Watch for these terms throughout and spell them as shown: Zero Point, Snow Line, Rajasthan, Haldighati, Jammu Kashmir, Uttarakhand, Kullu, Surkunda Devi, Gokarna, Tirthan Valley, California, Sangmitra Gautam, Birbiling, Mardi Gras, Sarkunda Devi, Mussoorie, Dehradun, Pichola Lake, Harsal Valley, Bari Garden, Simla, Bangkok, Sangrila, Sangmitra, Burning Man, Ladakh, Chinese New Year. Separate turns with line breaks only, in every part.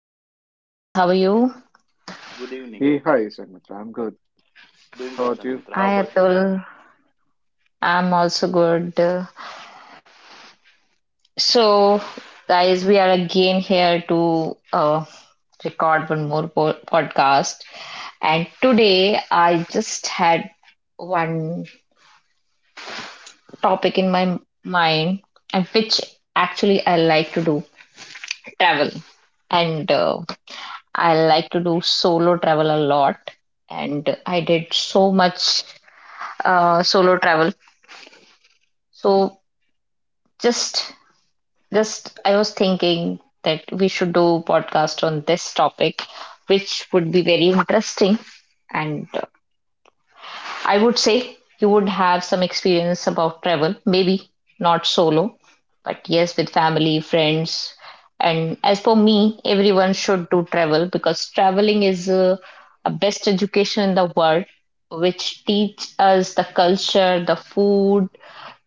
good evening, guys. How are you?
Good
Hey,
evening.
hi, Sanmitra. I'm good.
Doing
How
good,
about you?
Sangmitra. How
Hi
about you?
Atul. I'm also good. So, guys, we are again here to record one more podcast. And today, I just had one topic in my mind, and which actually I like to do travel. And I like to do solo travel a lot. And I did so much solo travel. So just just I was thinking that we should do podcast on this topic, which would be very interesting, and I would say you would have some experience about travel, maybe not solo, but yes, with family, friends. And as for me, everyone should do travel because traveling is a best education in the world, which teach us the culture, the food,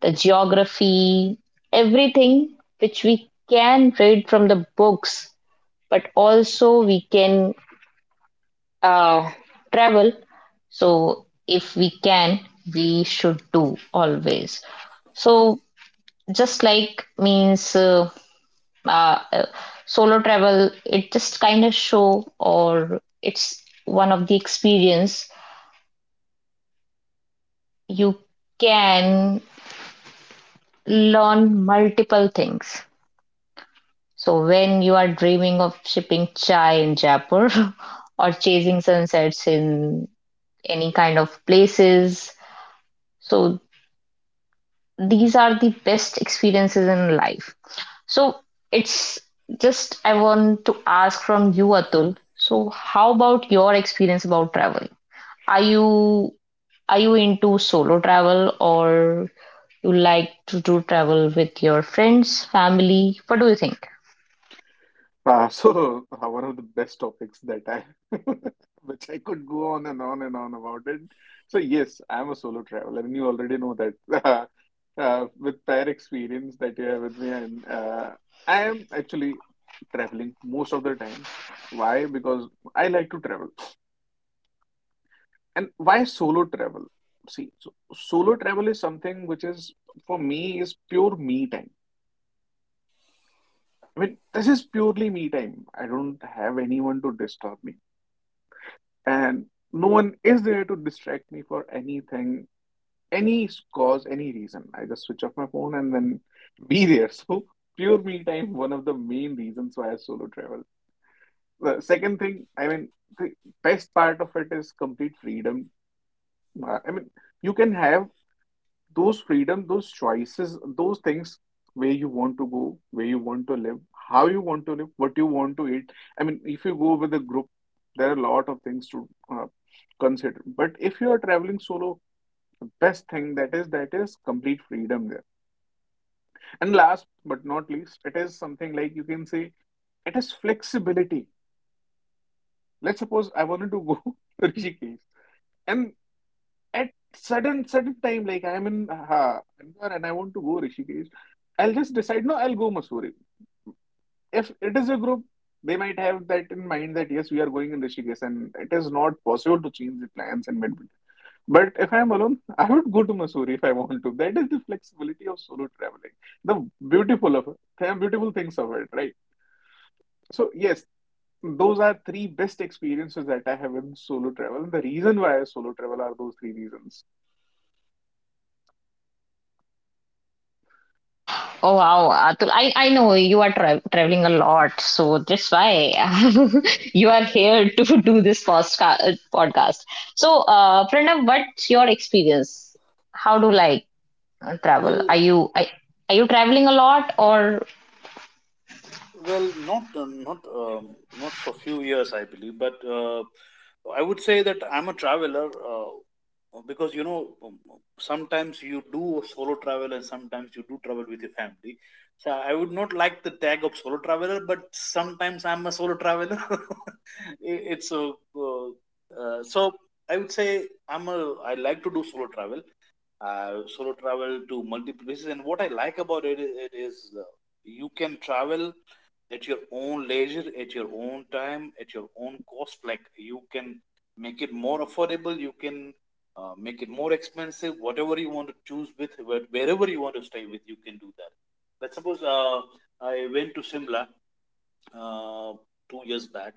the geography, everything which we can read from the books, but also we can uh, travel. So, if we can, we should do always. So, just like means uh, uh, solo travel, it just kind of show or it's one of the experience you can learn multiple things. So, when you are dreaming of shipping chai in Jaipur or chasing sunsets in any kind of places, so these are the best experiences in life. So it's just I want to ask from you, Atul. So how about your experience about travel? Are you are you into solo travel, or you like to do travel with your friends, family? What do you think?
One of the best topics that which I could go on and on and on about it. So, yes, I'm a solo traveler, and you already know that uh, with prior experience that you have with me. And I am actually traveling most of the time. Why? Because I like to travel. And why solo travel? See, so solo travel is something for me, is pure me time. I mean, this is purely me time. I don't have anyone to disturb me. And no one is there to distract me for anything, any cause, any reason. I just switch off my phone and then be there. So, pure me time, one of the main reasons why I solo travel. The second thing, the best part of it is complete freedom. I mean, you can have those freedom, those choices, those things where you want to go, where you want to live, how you want to live, what you want to eat. I mean, if you go with a group, there are a lot of things to consider. But if you are traveling solo, the best thing that is complete freedom there. And last but not least, it is something like you can say it is flexibility. Let's suppose I wanted to go to Rishikesh, and at certain time, like I'm in and I want to go Rishikesh, I'll just decide, no, I'll go Mussoorie. If it is a group, they might have that in mind that yes, we are going in Rishikesh, and it is not possible to change the plans in mid. But if I'm alone, I would go to Mussoorie if I want to. That is the flexibility of solo traveling, the beautiful of it, beautiful things of it, right? So yes, those are three best experiences that I have in solo travel. The reason why I solo travel are those three reasons.
Oh wow, Atul. I know you are traveling a lot, so that's why you are here to do this podcast. So, Pranav, what's your experience? How do like travel?
Well,
Are you traveling a lot, or.
well, not not not for few years, I believe, but I would say that I'm a traveler because you know sometimes you do a solo travel and sometimes you do travel with your family. So I would not like the tag of solo traveler, but sometimes I'm a solo traveler. It's a so I would say I'm a I like to do solo travel to multiple places. And what I like about it, it is you can travel at your own leisure, at your own time, at your own cost. Like you can make it more affordable. You can make it more expensive. Whatever you want to choose with, wherever you want to stay with, you can do that. Let's suppose I went to Simla uh, 2 years back,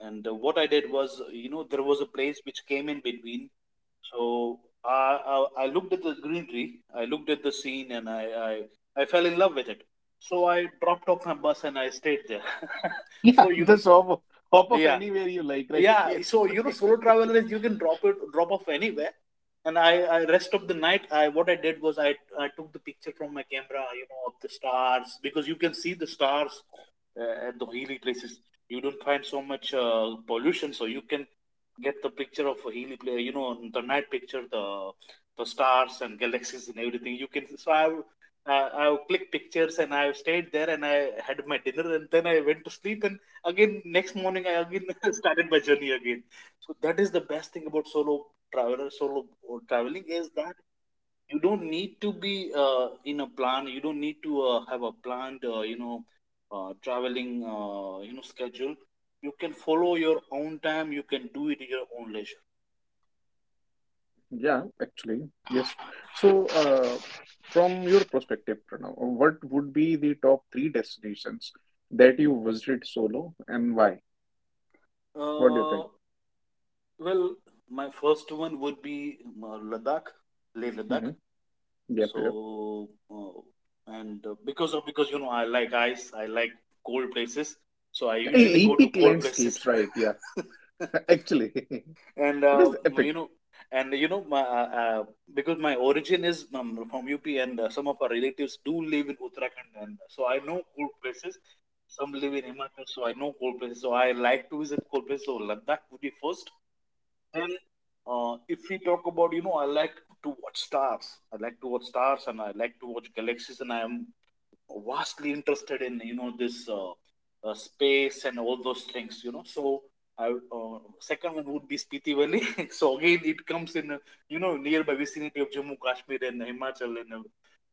and what I did was, you know, there was a place which came in between, so I looked at the green tree, I looked at the scene, and I fell in love with it. So I dropped off my bus and I stayed there. So
Yeah,
you know,
just hop off
yeah,
anywhere you like, right?
yeah,
Yes.
so you know, solo traveler is you can drop off anywhere. And I rest of the night, I — what I did was, I took the picture from my camera, you know, of the stars because you can see the stars at the hilly places. You don't find so much pollution, so you can get the picture of a hilly place, you know, the night picture, the stars and galaxies and everything you can. So I clicked pictures and I stayed there and I had my dinner and then I went to sleep, and again next morning I again started my journey again. So that is the best thing about solo traveler, solo traveling, is that you don't need to be in a plan. You don't need to have a planned you know traveling you know schedule. You can follow your own time. You can do it in your own leisure.
Yeah, actually, yes. So, from your perspective, Pranav, what would be the top three destinations that you visited solo and why? What do you think?
uh, well, my first one would be Ladakh, Leh Ladakh.
Hmm. Yep,
So
yep.
and because, you know, I like ice, I like cold places, so I usually
E-
go to
Epic
cold places.
landscapes, right? Yeah, actually, it
And
is
you
epic.
know, my because my origin is from UP, and some of our relatives do live in Uttarakhand, and so I know cold places. Some live in Himachal, so I know cold places, so I like to visit cold places. So Ladakh would be first. Then if we talk about, you know, I like to watch stars, I like to watch galaxies, and I am vastly interested in, you know, this space and all those things, you know. So second one would be Spiti Valley. So again, it comes in you know, nearby vicinity of Jammu Kashmir and Himachal, and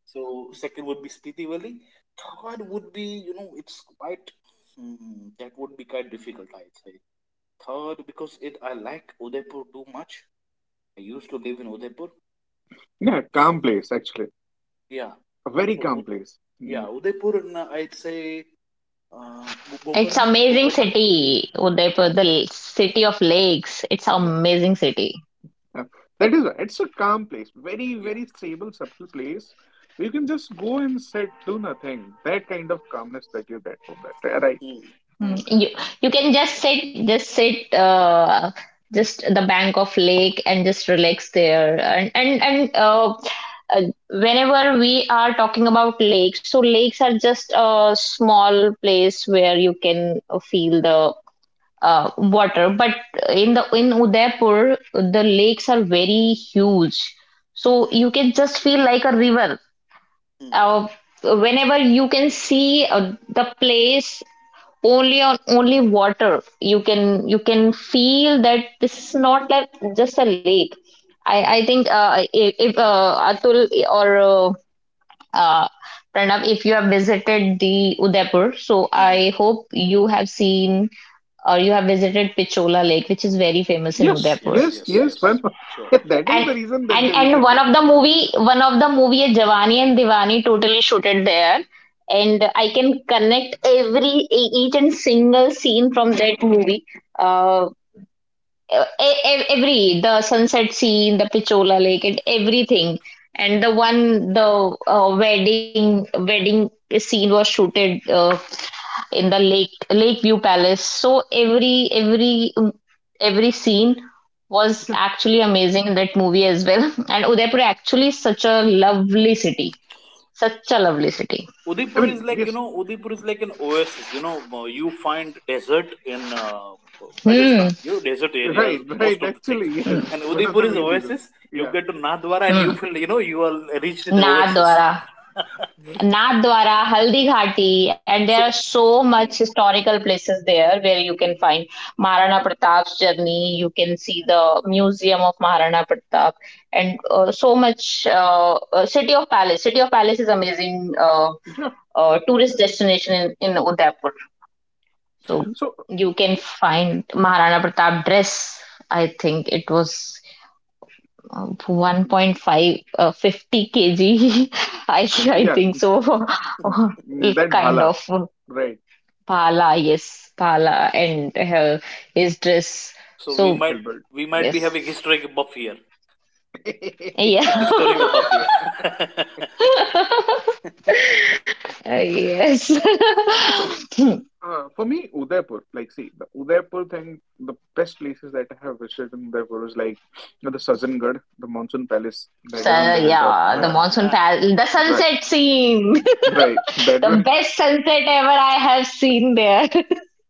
so second would be Spiti Valley. Third would be, you know, it's quite hmm, that would be quite difficult. I'd say third, because it — I like Udaipur too much. I used to live in Udaipur,
No,
so
calm place, actually.
yeah.
A very
So
calm
Ud
place.
yeah, Udaipur, and I'd say
It's
Gokarna,
amazing
Gokarna.
city, Udaipur,
Yeah,
the city of lakes. It's
yeah,
amazing city.
Yeah, that is it's a calm place, very,
yeah.
very stable, subtle place where you can just go and sit, do nothing. That kind of calmness that you get from that, right?
Hmm,
Mm,
hmm,
You you can just sit just at the bank of lake, and just relax there and uh whenever we are talking about lakes, so lakes are just a small place where you can feel the water, but in Udaipur the lakes are very huge, so
hmm,
you can just feel like a river.
hmm,
uh, Whenever you can see the place only on only water, you can feel that this is not like just a lake. I think if, Atul or uh, Pranav, if you have visited the Udaipur, so
hmm, hmm.
I hope you have seen or you have visited Pichola Lake, which is very famous
Yeah,
in
Yes,
Udaipur.
yes,
yes,
yes,
yes. Well,
yes. Sure.
yeah, that is
and
the reason that
and
they
and
visit there.
one of the movie is Jawani and Diwani totally shooted there, and I can connect every each and single scene from that movie. uh, every the sunset scene, the Pichola Lake, and everything. And the
Hmm.
one the wedding scene was shooted in the lake Lakeview Palace. So every scene was
Yeah,
actually amazing in that movie as well. And Udaipur actually is such a lovely city, such a lovely city.
I
Udaipur is
mean,
like, you
yes,
know, Udaipur is like an oasis. You know, you find desert in
Hmm.
Rajasthan. You know, desert areas,
right,
most
right.
of the things.
Actually, yes,
And
one of
Udaipur
the
is
main reasons.
oasis. You
Yeah,
get to Nathdwara and
Hmm.
you feel, you know, you are reached in oasis.
Nadwara. Nathdwara, Haldighati, and there are
So,
so much
mm,
historical places there where you
mm.
can find Maharana Pratap's journey. You can see the museum of Maharana Pratap, and so much. City of Palace is amazing
yeah.
tourist destination in Udaipur. So
So,
you can find Maharana Pratap dress. I think it was 1.5 50 kg I
yeah,
think so.
mm, that
Kind
Bhala,
of
right,
pala, yes, pala, and his dress.
so we
So
might
Hilbert.
we might be
yes,
having historical buff here.
yeah.
Yeah.
Historical buff here.
Yes.
Yeah, so, for me, Udaipur, like, see, the Udaipur thing, the best places that I have visited in Udaipur is like you know, the Sajjangarh, the monsoon palace
Ah,
that
So
is on the hilltop,
yeah, the
right?
ah,
monsoon
ah.
pal the
Right,
sunset scene.
right. That
The
one.
best sunset ever I have seen there.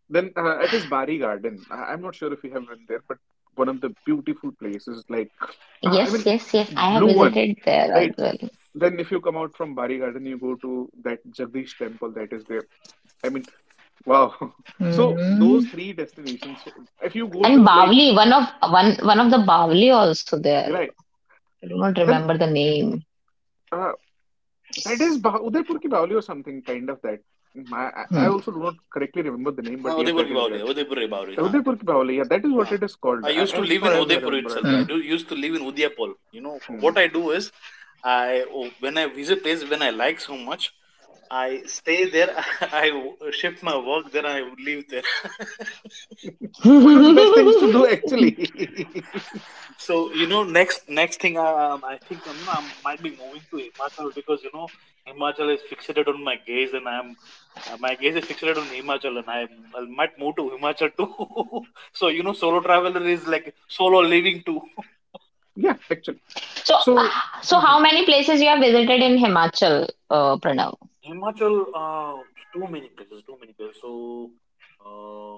Then it is Bari Garden. I'm not sure if you have been there, but one of the beautiful places, like, I
Yes,
mean,
yes, yes, I have
blue one,
visited there as
right?
well.
Then if you come out from Bari Garden, you go to that Jagdish temple that is there. I mean, wow. So
Hmm.
those three destinations, if you go
And
to like,
Bavli, one of the Bavli also there.
right.
I do not
Then.
remember the name.
Uh, that is Bah Udaipur ki Bawali or something kind of that. I
Hmm.
also do not correctly remember the name,
हाँ,
but yes,
Udaipur
that
की
is
बावली
it.
है, उदयपुर की बावली, हाँ.
Udaipur ki Bawali, yeah, that is what
Uh,
it is called,
I
a-
used to
as
live
far
in
as I
Udaipur
remember
itself.
it.
I
Hmm.
do used to live in Udaipur. You know
Hmm.
what I do is, I — oh, when I visit place when I like so much, I stay there. I shift my work there. I live there.
One of the best things to do, actually.
So, you know, next thing, I think you know, I might be moving to Himachal, because you know, Himachal is fixated on my gaze, and I'm my gaze is fixated on Himachal, and I — I might move to Himachal too. So you know, solo traveler is like solo living too.
Yeah, actually.
So
So,
how many places you have visited in Himachal, Pranav?
Himachal, too many places, too many places. So, uh,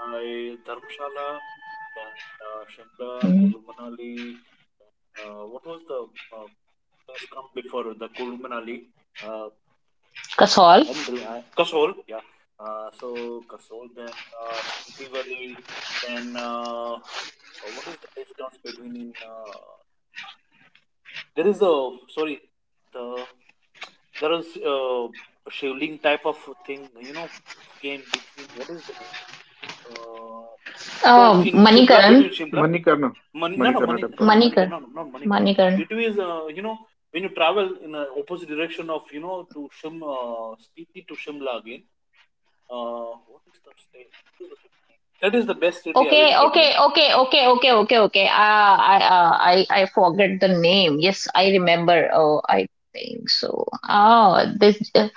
I — Dharamshala and Shimla,
Hmm.
Kullu Manali. What was the uh, place come before the Kullu Manali? Uh,
Kasol,
I don't remember. I — Kasol, yeah. So Kasol, then Spiti Valley, then what is the place comes between in there is a — sorry, the — there is a shivling type of thing. You know, came between, what is the name? Uh, so
oh,
in Shimla,
Manikaran,
between Shimla —
Manikarna, Manikarna
Mani,
temple.
no, no,
Hmm.
Manika,
Manikar,
no, no, not Manikaran.
Manikaran.
Between is you know, when you travel in a opposite direction of, you know, to Spiti to Shimla again. What is the state? That is the best city I
Okay,
visited, you know.
okay, okay, okay, okay, okay, okay. I forget the name. Yes, I remember. Oh, I think so. Oh,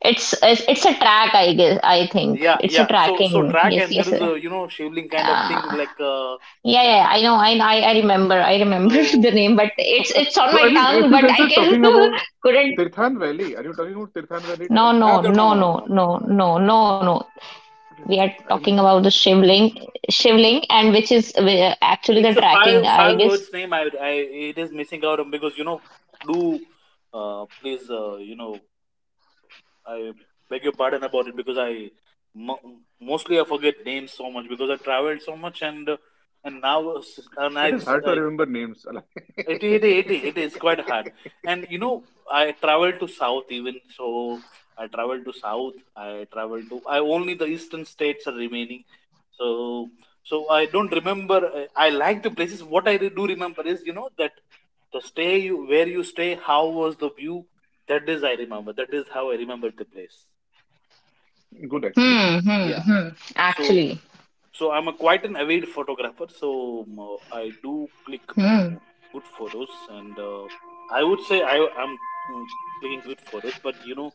it's a track. I guess. I think
Yeah,
it's a
yeah. So, so
tracking.
track,
Yes,
and there
yes.
is a, you know, shivling kind of thing
Yeah,
like and
yeah. I know. I remember. I remember
so
the name, but it's on
So, I
my
mean,
tongue.
if you
But
guys
I
are
can
talking about
couldn't.
Tirthan Valley, are you talking about Tirthan Valley trek?
No,
No,
no,
no, no,
no,
no, no,
no,
no, no,
no,
no, no,
no, no,
no.
no. We
Okay.
are
I
talking
mean,
about the shivling, shivling,
Uh,
and which is actually the
It's a
tracking. I
five
guess.
words name. I It is missing out on because, you know, do please, you know, I beg your pardon about it because I — mo- mostly I forget names so much because I traveled so much, and now and
it
I.
is hard to
I —
remember names.
it is quite hard. And you know, I travel to South even, so I travel to South, I travel to, I only the eastern states are remaining. So, so I don't remember, I like the places. What I do remember is, you know, that the stay you, where you stay, how was the view, that is I remember. That is how I remember the place.
Good, actually.
Hmm, hmm,
Yeah.
hmm.
So,
Actually,
so I'm a quite an avid photographer. So I do click
hmm.
good photos, and I would say I am mm, clicking good photos. But you know,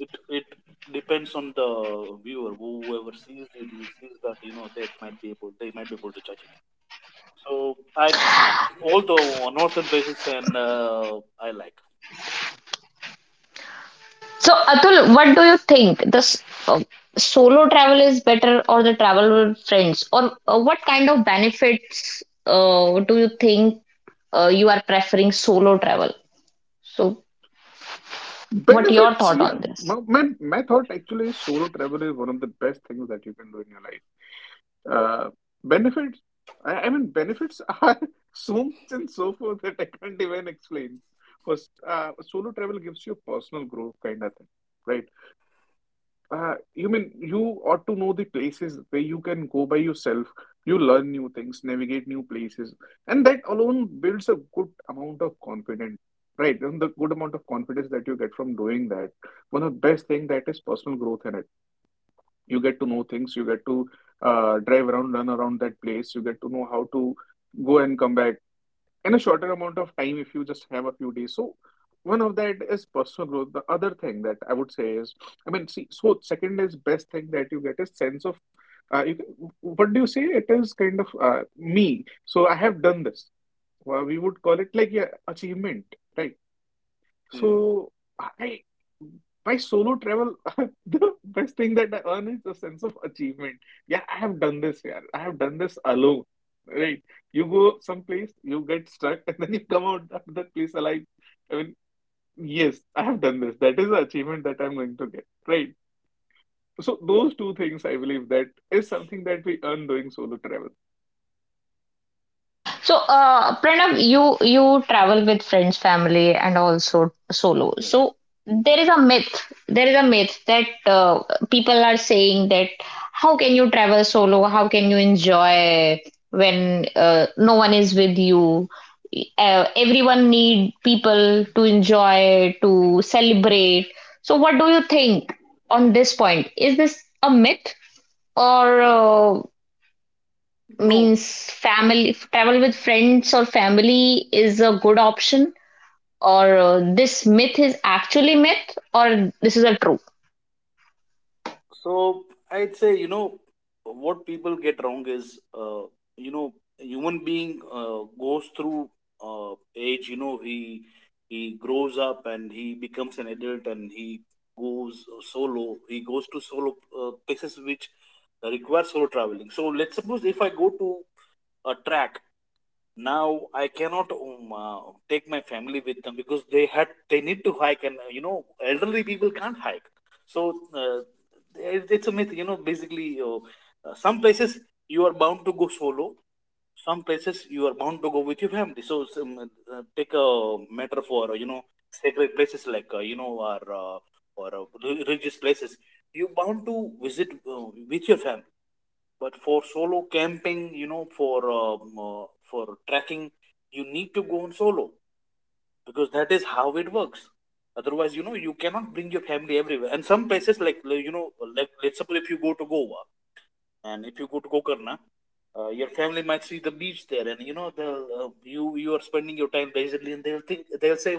it depends on the viewer, whoever sees it, he sees that, you know, they might be able to judge it. So I, although northern places, and I like.
So, Atul, what do you think? This solo travel is better or the travel with friends? Or what kind of benefits do you think you are preferring solo travel? So, what your
Benefits,
thought
yeah.
on this?
My thought actually is solo travel is one of the best things that you can do in your life. Uh, benefits, I mean, benefits are so much and so forth that I can't even explain. First, solo travel gives you a personal growth kind of thing, right? You mean you ought to know the places where you can go by yourself. You learn new things, navigate new places, and that alone builds a good amount of confidence, right? And the good amount of confidence that you get from doing that, one of the best thing that is personal growth in it. You get to know things, you get to drive around, run around that place, you get to know how to go and come back in a shorter amount of time if you just have a few days. So one of that is personal growth. The other thing that I would say is, I mean, see, so second is best thing that you get is sense of, you, can- what do you say? It is kind of me. So I have done this. Well, we would call it like yeah, achievement, right?
Hmm,
So I by solo travel, the best thing that I earn is a sense of achievement. Yeah, I have done this, yeah. I have done this alone. Right. You go someplace, you get stuck, and then you come out of that place alive. I mean, yes, I have done this. That is the achievement that I'm going to get. Right. So those two things I believe that is something that we earn doing solo travel.
So, Pranav, you travel with friends, family, and also solo.
yes.
So there is a myth. There is a myth that people are saying that how can you travel solo? How can you enjoy when no one is with you? Everyone need people to enjoy to celebrate. So, what do you think on this point? Is this a myth or
No,
means family travel with friends or family is a good option or this myth is actually myth or this is a true.
so I'd say, you know, what people get wrong is you know, human being goes through age. You know, he — he grows up and he becomes an adult and he goes solo. He goes to solo places which require solo traveling. So let's suppose if I go to a track, now I cannot take my family with them because they had they need to hike, and, you know, elderly people can't hike, so it's a myth, you know. Basically some places you are bound to go solo, some places you are bound to go with your family. So some, take a matter for, you know, sacred places like you know, or religious places, you bound to visit with your family. But for solo camping, you know, for trekking, you need to go on solo because that is how it works. Otherwise, you know, you cannot bring your family everywhere. And some places like, you know, like, let's suppose if you go to Goa and if you go to Gokarna, your family might see the beach there, and you know, they'll you — you are spending your time leisurely, and they'll think, they'll say,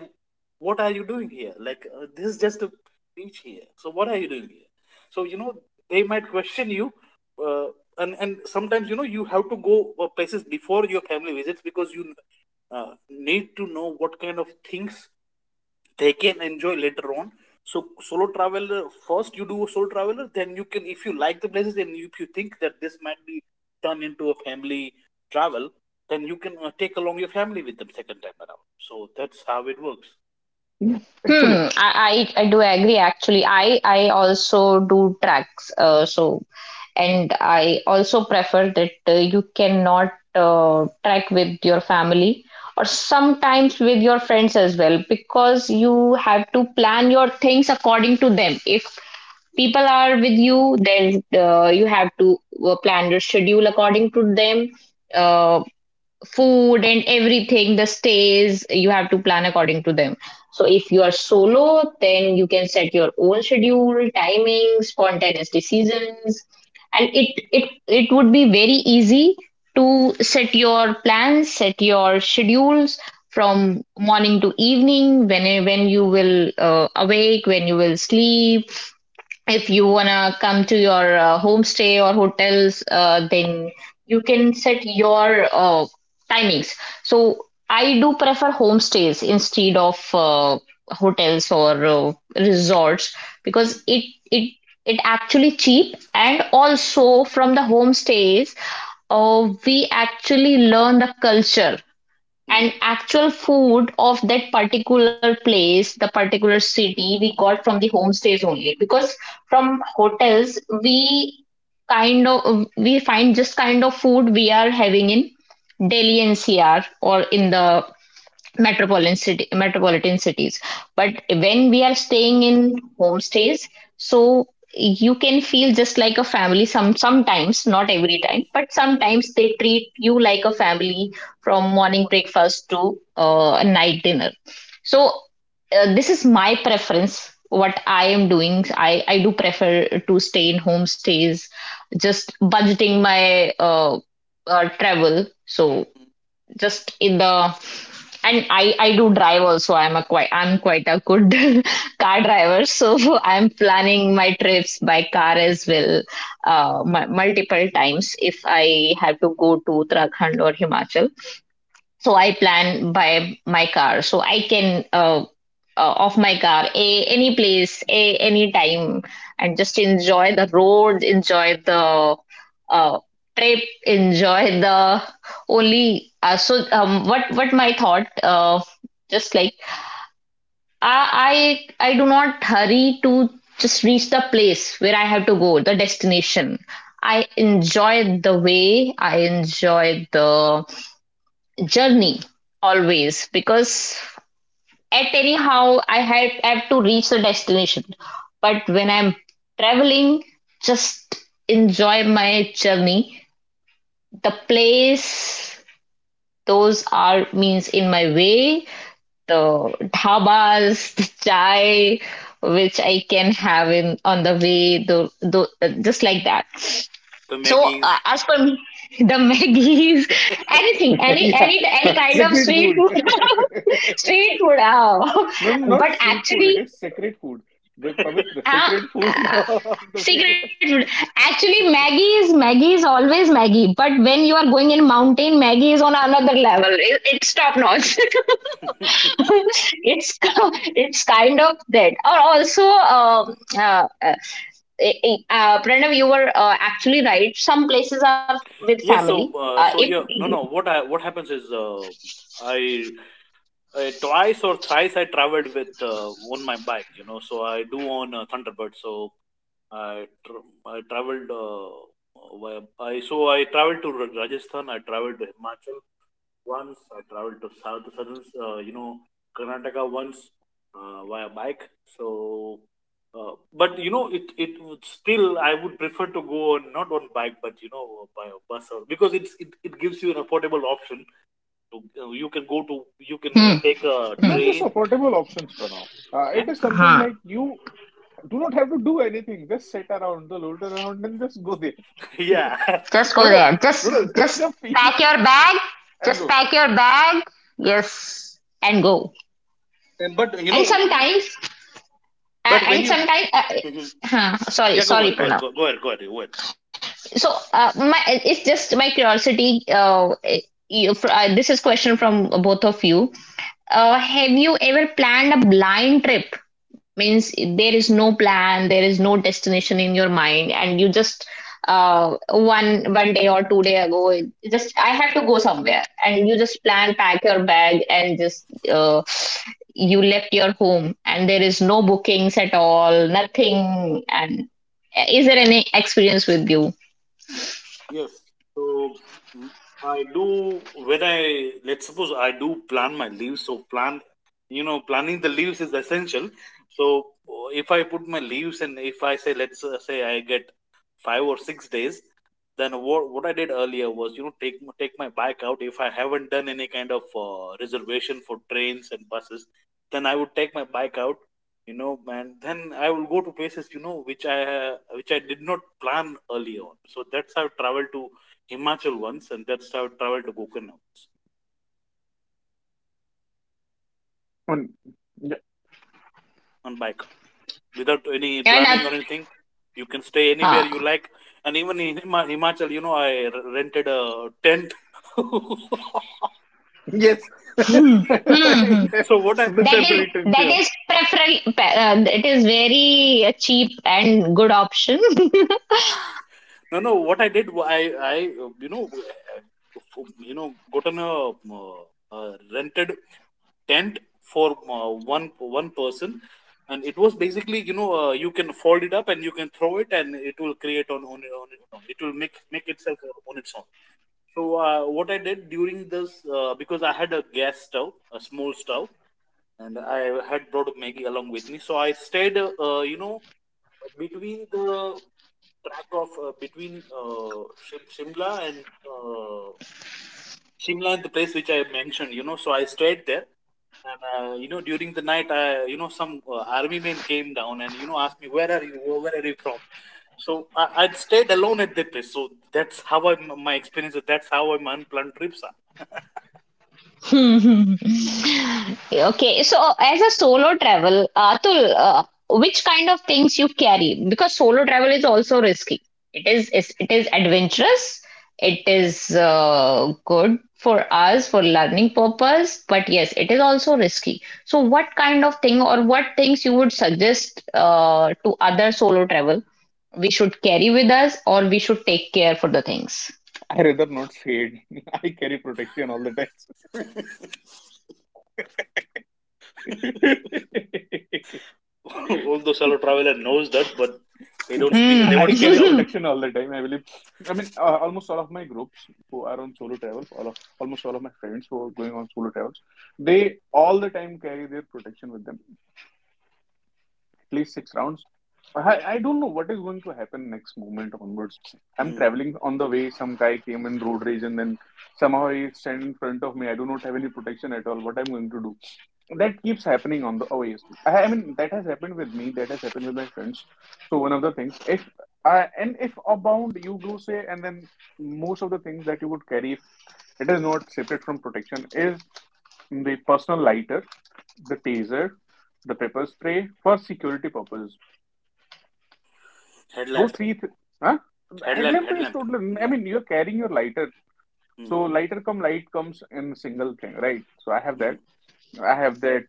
"What are you doing here? Like this is just a beach here. So what are you doing here?" So you know, they might question you, uh, and sometimes, you know, you have to go places before your family visits because you need to know what kind of things they can enjoy later on. So solo traveler — first you do a solo traveler, then you can, if you like the places and if you think that this might be turned into a family travel, then you can take along your family with them second time around. So that's how it works.
Yeah, actually.
Hmm, I do agree actually. I also do tracks. So, and I also prefer that you cannot track with your family or sometimes with your friends as well, because you have to plan your things according to them. If people are with you, then you have to plan your schedule according to them. Uh, food and everything, the stays, you have to plan according to them. So if you are solo, then you can set your own schedule, timing, spontaneous decisions, and it would be very easy to set your plans, set your schedules from morning to evening when you will awake, when you will sleep. If you wanna come to your homestay or hotels, then you can set your timings. So I do prefer homestays instead of hotels or resorts,
Mm.
because it it actually cheap, and also from the homestays we actually learn the culture
Mm.
and actual food of that particular place, the particular city, we got from the homestays only. Because from hotels, we kind of we find just kind of food we are having in Delhi NCR or in the metropolitan cities. But when we are staying in homestays, so you can feel just like a family sometimes, not every time, but sometimes they treat you like a family from morning breakfast to night dinner. So this is my preference, what I am doing, I do prefer to stay in homestays, just budgeting my travel. So just in the, and I do drive also. I'm quite a good car driver, so I'm planning my trips by car as well, multiple times. If I have to go to Uttarakhand or Himachal, so I plan by my car, so I can of my car a any place a any time, and just enjoy the roads, enjoy the uh, trip, enjoy the only. So what my thought, just like, I, I do not hurry to just reach the place where I have to go, the destination. I enjoy the way, I enjoy the journey always, because at anyhow I had have to reach the destination. But when I'm traveling, just enjoy my journey. The place those are means in my way, the dhabas, the chai, which I can have in on the way, the just like that.
The
So
Maggie's.
as per me, the Maggie's, anything, any
Yeah.
any any kind of
Secret
street
food.
food, street food. Oh.
No, no, not
But
street food. It
actually,
is sacred food. The Pavitra,
Ah,
sacred food
ah,
of the
secret
way.
food. Actually, Maggie is always Maggie, but when you are going in mountain, Maggie is on another level. It's top notch. It's kind of that. Or also, Pranav, you were actually right. Some places are with
Yes,
family.
so
If
so yeah, no no what I — what happens is I — twice or thrice I traveled with on my bike, you know, so I do on Thunderbird. So I tr I traveled via I — so I traveled to Rajasthan. I traveled to Himachal once. I traveled to south to southern you know Karnataka once via bike. So, but you know it would still I would prefer to go on not on bike but you know by a bus or because it gives you an affordable option. You can go to you can
Hmm.
take a
Hmm.
Not just
train.
affordable options, Pranav.
Yeah,
It is something
Hmm.
like you do not have to do anything. Just sit around the load around and just go there.
yeah.
Just go
No, no,
there.
no,
Just
no.
Just
just
the feel
pack your bag.
and
Just
go.
pack your bag. Yes, and go.
But you
and
know,
sometimes
but when
and
you,
sometimes,
mhm,
sorry
yeah, go, go,
sorry
ahead,
Pranav.
go, ahead, go, ahead, go ahead.
So my it's just my curiosity. This is question from both of you. Have you ever planned a blind trip? Means there is no plan, there is no destination in your mind, and you just one day or 2 day ago, just I have to go somewhere, and you just plan, pack your bag, and just you left your home, and there is no bookings at all, nothing. And is there any experience with you?
Yes. So, mm, I do when I, let's suppose, I do plan my leaves. So plan, you know, planning the leaves is essential. So if I put my leaves and if I say, let's say I get 5 or 6 days, then what I did earlier was, you know, take take my bike out if I haven't done any kind of reservation for trains and buses, then I would take my bike out, you know, and then I will go to places, you know, which I did not plan earlier on. So that's how I traveled to Himachal once, and that's how I traveled to Gokarna
On. Yeah.
on bike without any
And
planning or anything. You can stay anywhere
huh.
you like, and even in Himachal, you know, I rented a tent.
Yes. yeah.
Hmm. Hmm. Hmm.
So what I
The
That
you
is
know
temporary tents,
that
yeah.
is preferable. It is very cheap and good option.
no no what I did I I you know gotten a, uh, uh, rented tent for one one person. And it was basically, you know, you can fold it up and you can throw it and it will create on it will make itself on its own. So what I did during this, because I had a gas stove, a small stove, and I had brought maggie along with me. So I stayed, you know, between the track of between Shimla and uh, Shimla and the place which I mentioned, you know. So I stayed there, and you know, during the night, I, you know, some army men came down and, you know, asked me, "Where are you? Where are you from?" So I, I'd stayed alone at that place. So that's how I, my experience. That's how my unplanned trips
Okay, so as a solo travel, Atul, which kind of things you carry? Because solo travel is also risky. It is adventurous. It is good for us for learning purpose, but yes, it is also risky. So, what kind of thing or what things you would suggest to other solo travel, we should carry with us, or we should take care for the things?
I rather not say it. I carry protection all the time.
are. Although solo traveler knows that, but they don't speak. They won't
I
speak
carry
out.
Hmm.
protection all the time. I believe. I mean, almost all of my groups who are on solo travel, all of almost all of my friends who are going on solo travels, they all the time carry their protection with them, at least six rounds. I don't know what is going to happen next moment onwards. I'm
Mm.
traveling on the way. Some guy came in road rage and then somehow he stand in front of me. I do not have any protection at all. What I'm going to do? That keeps happening on the OAs. I mean, that has happened with me. That has happened with my friends. So one of the things, if I and if abound, you go say, and then most of the things that you would carry, if it is not separate from protection, is the personal lighter, the taser, the pepper spray for security purposes. Those
Headlamp,
three, th- huh?
headlamp,
Headlamp is
headlamp.
totally. I
Yeah.
mean, you're carrying your lighter.
Mm.
So light comes in single thing, right? So I have
Mm.
that. I have that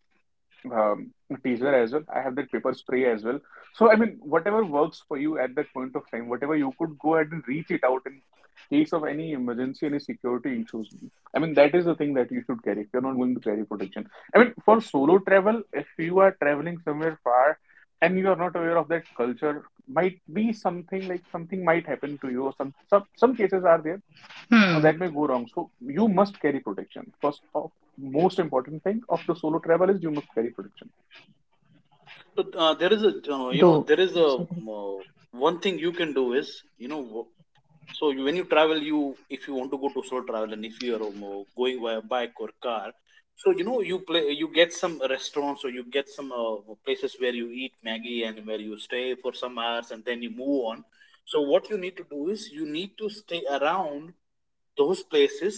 um, teaser as well. I have that paper spray as well. So, I mean, whatever works for you at that point of time, whatever you could go ahead and reach it out in case of any emergency, any security issues. I mean, that is the thing that you should carry. If you're not going to carry protection, I mean, for solo travel, if you are traveling somewhere far and you are not aware of that culture, might be something like something might happen to you. Or some cases are there.
Hmm.
Or that may go wrong. So you must carry protection. First of most important thing of the solo travel is you must carry protection.
So there is a
Do. Yes, I do.
one thing you can do is, you know, so you, when you travel, you, if you want to go to solo travel and if you are going via bike or car, so you know you play you get some restaurants or you get some places where you eat maggie and where you stay for some hours and then you move on. So what you need to do is you need to stay around those places,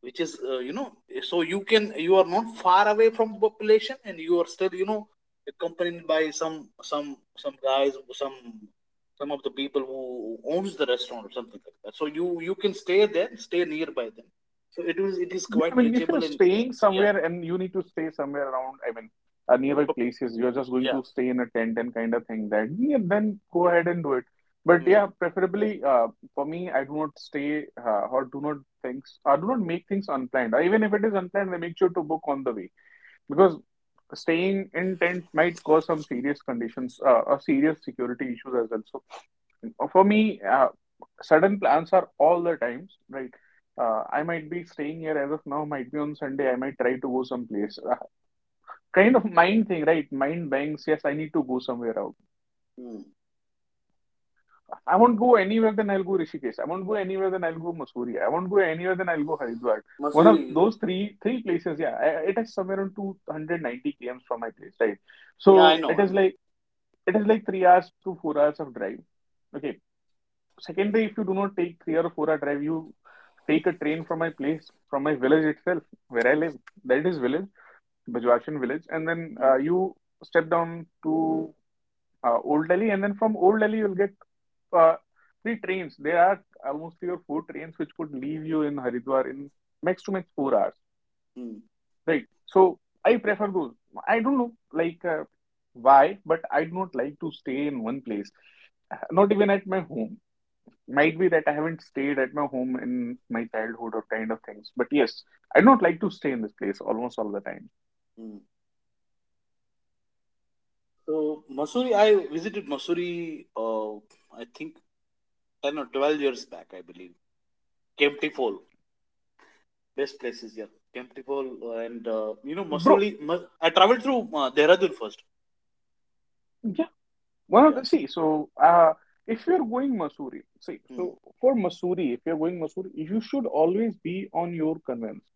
which is so you, can you are not far away from the population and you are still, you know, accompanied by some some guys, some some of the people who owns the restaurant or something like that. So you can stay there, stay nearby them. So it is, it is
Yeah,
quite
I mean, if
reachable.
you're
And
staying
yeah,
somewhere and you need to stay somewhere around, I mean, nearby places, you're just going
yeah.
to stay in a tent and kind of thing that, yeah, then go ahead and do it. But
Hmm.
yeah, preferably for me, I do not stay or do not things I do not make things unplanned. Or even if it is unplanned, I make sure to book on the way because staying in tent might cause some serious conditions or serious security issues as well. So for me, sudden plans are all the times, right? I might be staying here as of now, might be on Sunday, I might try to go someplace. Kind of mind thing, right? Mind banks, yes, I need to go somewhere out.
Hmm.
I won't go anywhere, then I'll go Rishikesh. I won't go anywhere, then I'll go Mussoorie. I won't go anywhere, then I'll go Haridwar. One of
Masuri,
those three places, yeah. I, it is somewhere around 290 kms from my place, right?
yeah, I
So
know,
it
I
is
know.
like it is like 3 hours to 4 hours of drive. Okay. Second day, if you do not take 3 or 4 hour drive, you take a train from my place, from my village itself, where I live. That is village, Bijwashan village, and then
Hmm.
you step down to Old Delhi, and then from Old Delhi you'll get uh, three trains. There are almost three or four trains which could leave you in Haridwar in max to max 4 hours,
Hmm.
right? So I prefer those. I don't know, like. Why but I do not like to stay in one place. Not even at my home, might be that I haven't stayed at my home in my childhood or kind of things. But yes, I don't like to stay in this place almost all the time.
Mm. So Masuri, I visited Masuri I think 10 or 12 years back, I believe. Kempty Fall. Best places, yeah. Temptable. And you know,
Bro,
Masuli. I traveled through Dehradun first.
yeah. One of
Yeah.
the see, so If you're going Mussoorie, see,
Hmm.
so for Mussoorie, if you're going Mussoorie, you should always be on your conveyance.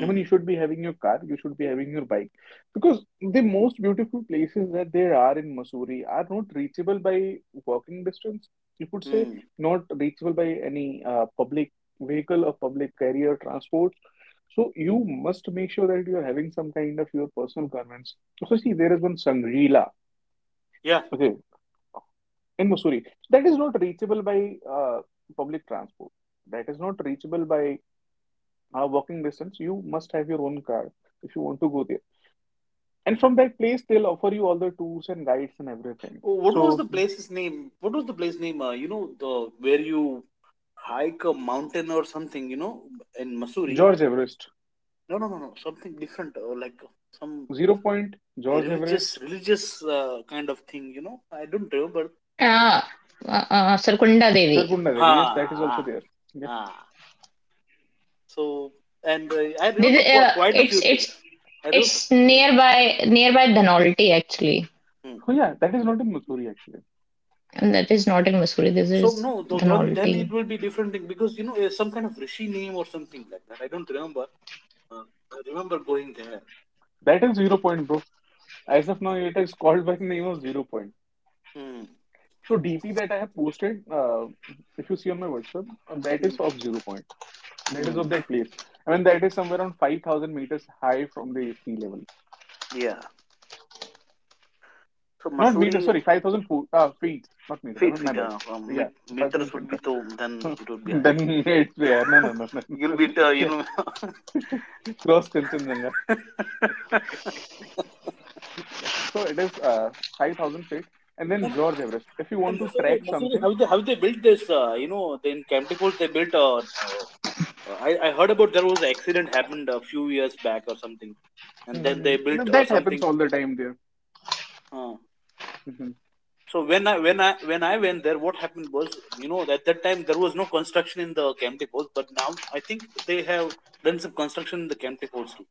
I mean, you should be having your car, you should be having your bike, because the most beautiful places that there are in Mussoorie are not reachable by walking distance. You could say
Hmm.
not reachable by any public vehicle or public carrier transport. So you must make sure that you are having some kind of your personal garments. So see, there is one Sangrila,
Yeah.
okay, in Mussoorie. That is not reachable by public transport. That is not reachable by walking distance. You must have your own car if you want to go there. And from that place, they'll offer you all the tours and guides and everything.
Oh, what was
So,
the place's name? What was the place name? You know, the where you hike a mountain or something. You know, in Missouri.
George Everest,
No, no, no, no. Something different. Like some
Zero Point, George Everest,
religious kind of thing. You know. I don't remember.
Ah, Surkunda Devi.
Sarkunda Devi, yes,
Ah.
that is also
Ah,
there. Yeah.
ah. So, and I remember
This, uh,
quite a
it's
few things.
it's
I remember.
it's
Mhm.
nearby Dhanolti actually,
Hmm.
So, yeah, that is not in Mussoorie actually.
and that is not in Mussoorie. This
So
is
no, though, then it
Dhanolti,
will be different thing, because you know it's some kind of rishi name or something like that. I don't remember. Uh, I remember going there.
That is Zero Point, bro. As of now,
Uh,
it is called by the name of Zero Point.
Hmm.
So, DP that I have posted, if you see on my WhatsApp, that
Hmm.
is of Zero Point. That is of
Hmm.
that place. I mean, that is somewhere around 5,000 meters high from the sea level.
Yeah. So
Not meters,
Masuri,
sorry, 5,000 foot, feet, not meters. I
feet,
mean, my
feet,
bad. Yeah,
meters
5,000
would be,
feet.
so then it would be higher.
Then it's yeah, no, no, no, no,
You'll
no.
be you
Yeah,
know.
cross Kanchenjunga.
and,
Yeah, so it is 5,000 feet, and then George Everest. If you want
and
to
Masuri,
track
Masuri,
something,
how they built this, you know, in Camp Depot they built, I heard about, there was an accident happened a few years back or something, and then they
mhm. No,
built
that happens
something.
all the time there.
Uh,
Mhm.
so when I, when I went there, what happened was, you know, at that time there was no construction in the Camp Depots, but now I think they have done some construction in the Camp Depots too.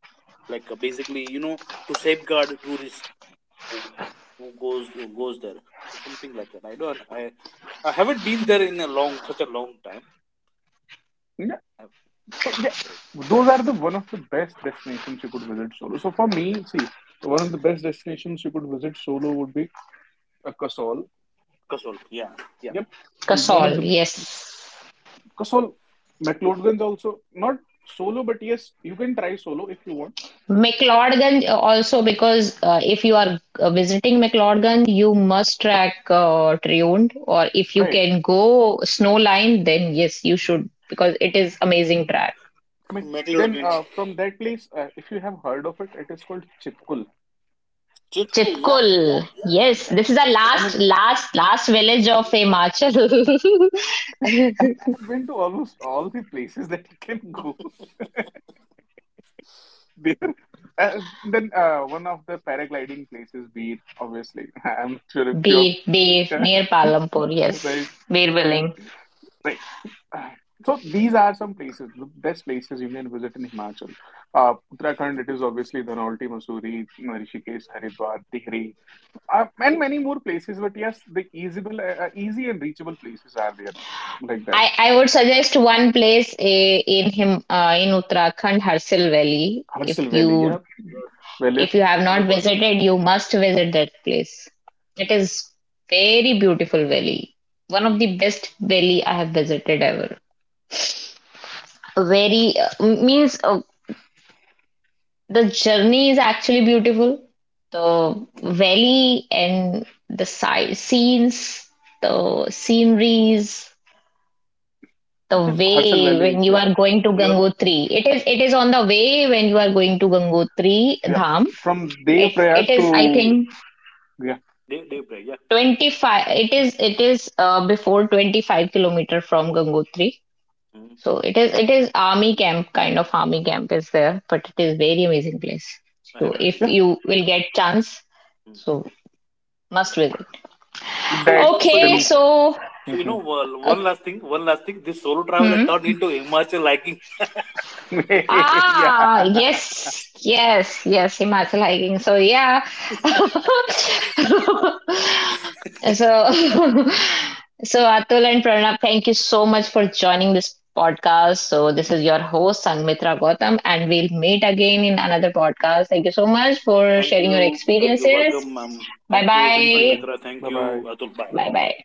Like, basically, you know, to safeguard tourist who, who goes there. So something like that. I don't. I haven't been there in a long, such a long time.
Yeah,
I haven't been there
so
in
yeah,
a long time.
those are the one of the best destinations you could visit solo. So for me, see, one of the best destinations you could visit solo would be Kasol.
Kasol, yeah, yeah.
Yep, one of
Kasol.
the
Yes,
Kasol, McLaurin's also not solo, but yes, you can try solo if you want.
McLeodganj also, because if you are visiting McLeodganj, you must track Triund, or if you
Right.
can go Snow Line, then yes, you should because it is amazing track.
I mean,
Megalod
then
Grinch.
from that place, if you have heard of it, it is called Chitkul.
Chitku, yeah, yeah,
Chitkul.
yeah, yeah,
Yes,
Yeah.
yeah,
this is our
yes, yes,
I
yes,
last,
mean,
man.
last, last village of Himachal.
I mean, I have been to almost all the places that you can go there. Then One of the paragliding places, Bir, obviously. I'm sure if you
Bir, Bir,
have
near Palampur. Yes,
right, uh,
Birbiling.
right. Uh, So these are some places, the best places you can visit in Himachal. Uttarakhand, it is obviously Dhanaulti, Mussoorie, Rishikesh, Haridwar, Tihri. And many more places. But yes, the easyable, easy and reachable places are there like that.
I would suggest one place, in Uttarakhand, Harsil Valley. If
Harsal
you
Valley,
if you have not
Hyderabad.
visited, you must visit that place. It
Mm.
is very beautiful valley. One of the best valley I have visited ever. Very, means the journey is actually beautiful.
Mm.
The valley and the side scenes, the sceneries, the
yeah, Harsal
way when
Valley,
you
yeah,
are going to
You're,
Gangotri. It is on the way when you are going to Gangotri
yeah.
Dham.
From
It it
Devaprayag
is I
to
think
yeah,
day, day break, yeah.
25, it is before 25-kilometer from Gangotri.
Mm.
So it is army camp, kind of army camp is there, but it is very amazing place.
I
So
haven't been
if
yeah.
there.
you will get chance,
Mm.
so must visit.
So,
That
so you
Okay,
know,
then,
so
so you know, well, one
okay.
last thing, one last thing. This solo traveler turned
Hmm.
into Himachal liking.
Ah,
yeah.
yes, yes, yes, Himachal hiking. So yeah. So so Atul and Pranab, thank you so much for joining this podcast. So
Thank
this
you,
is your host Sangmitra Gautam, and we'll meet again in another podcast. Thank you so much for
thank
sharing your
you,
experiences.
welcome, ma'am.
Bye
Thank you,
Thank
bye.
you.
Sangnitra. Thank
Bye bye.
you, Atul.
Bye
Bye.
bye.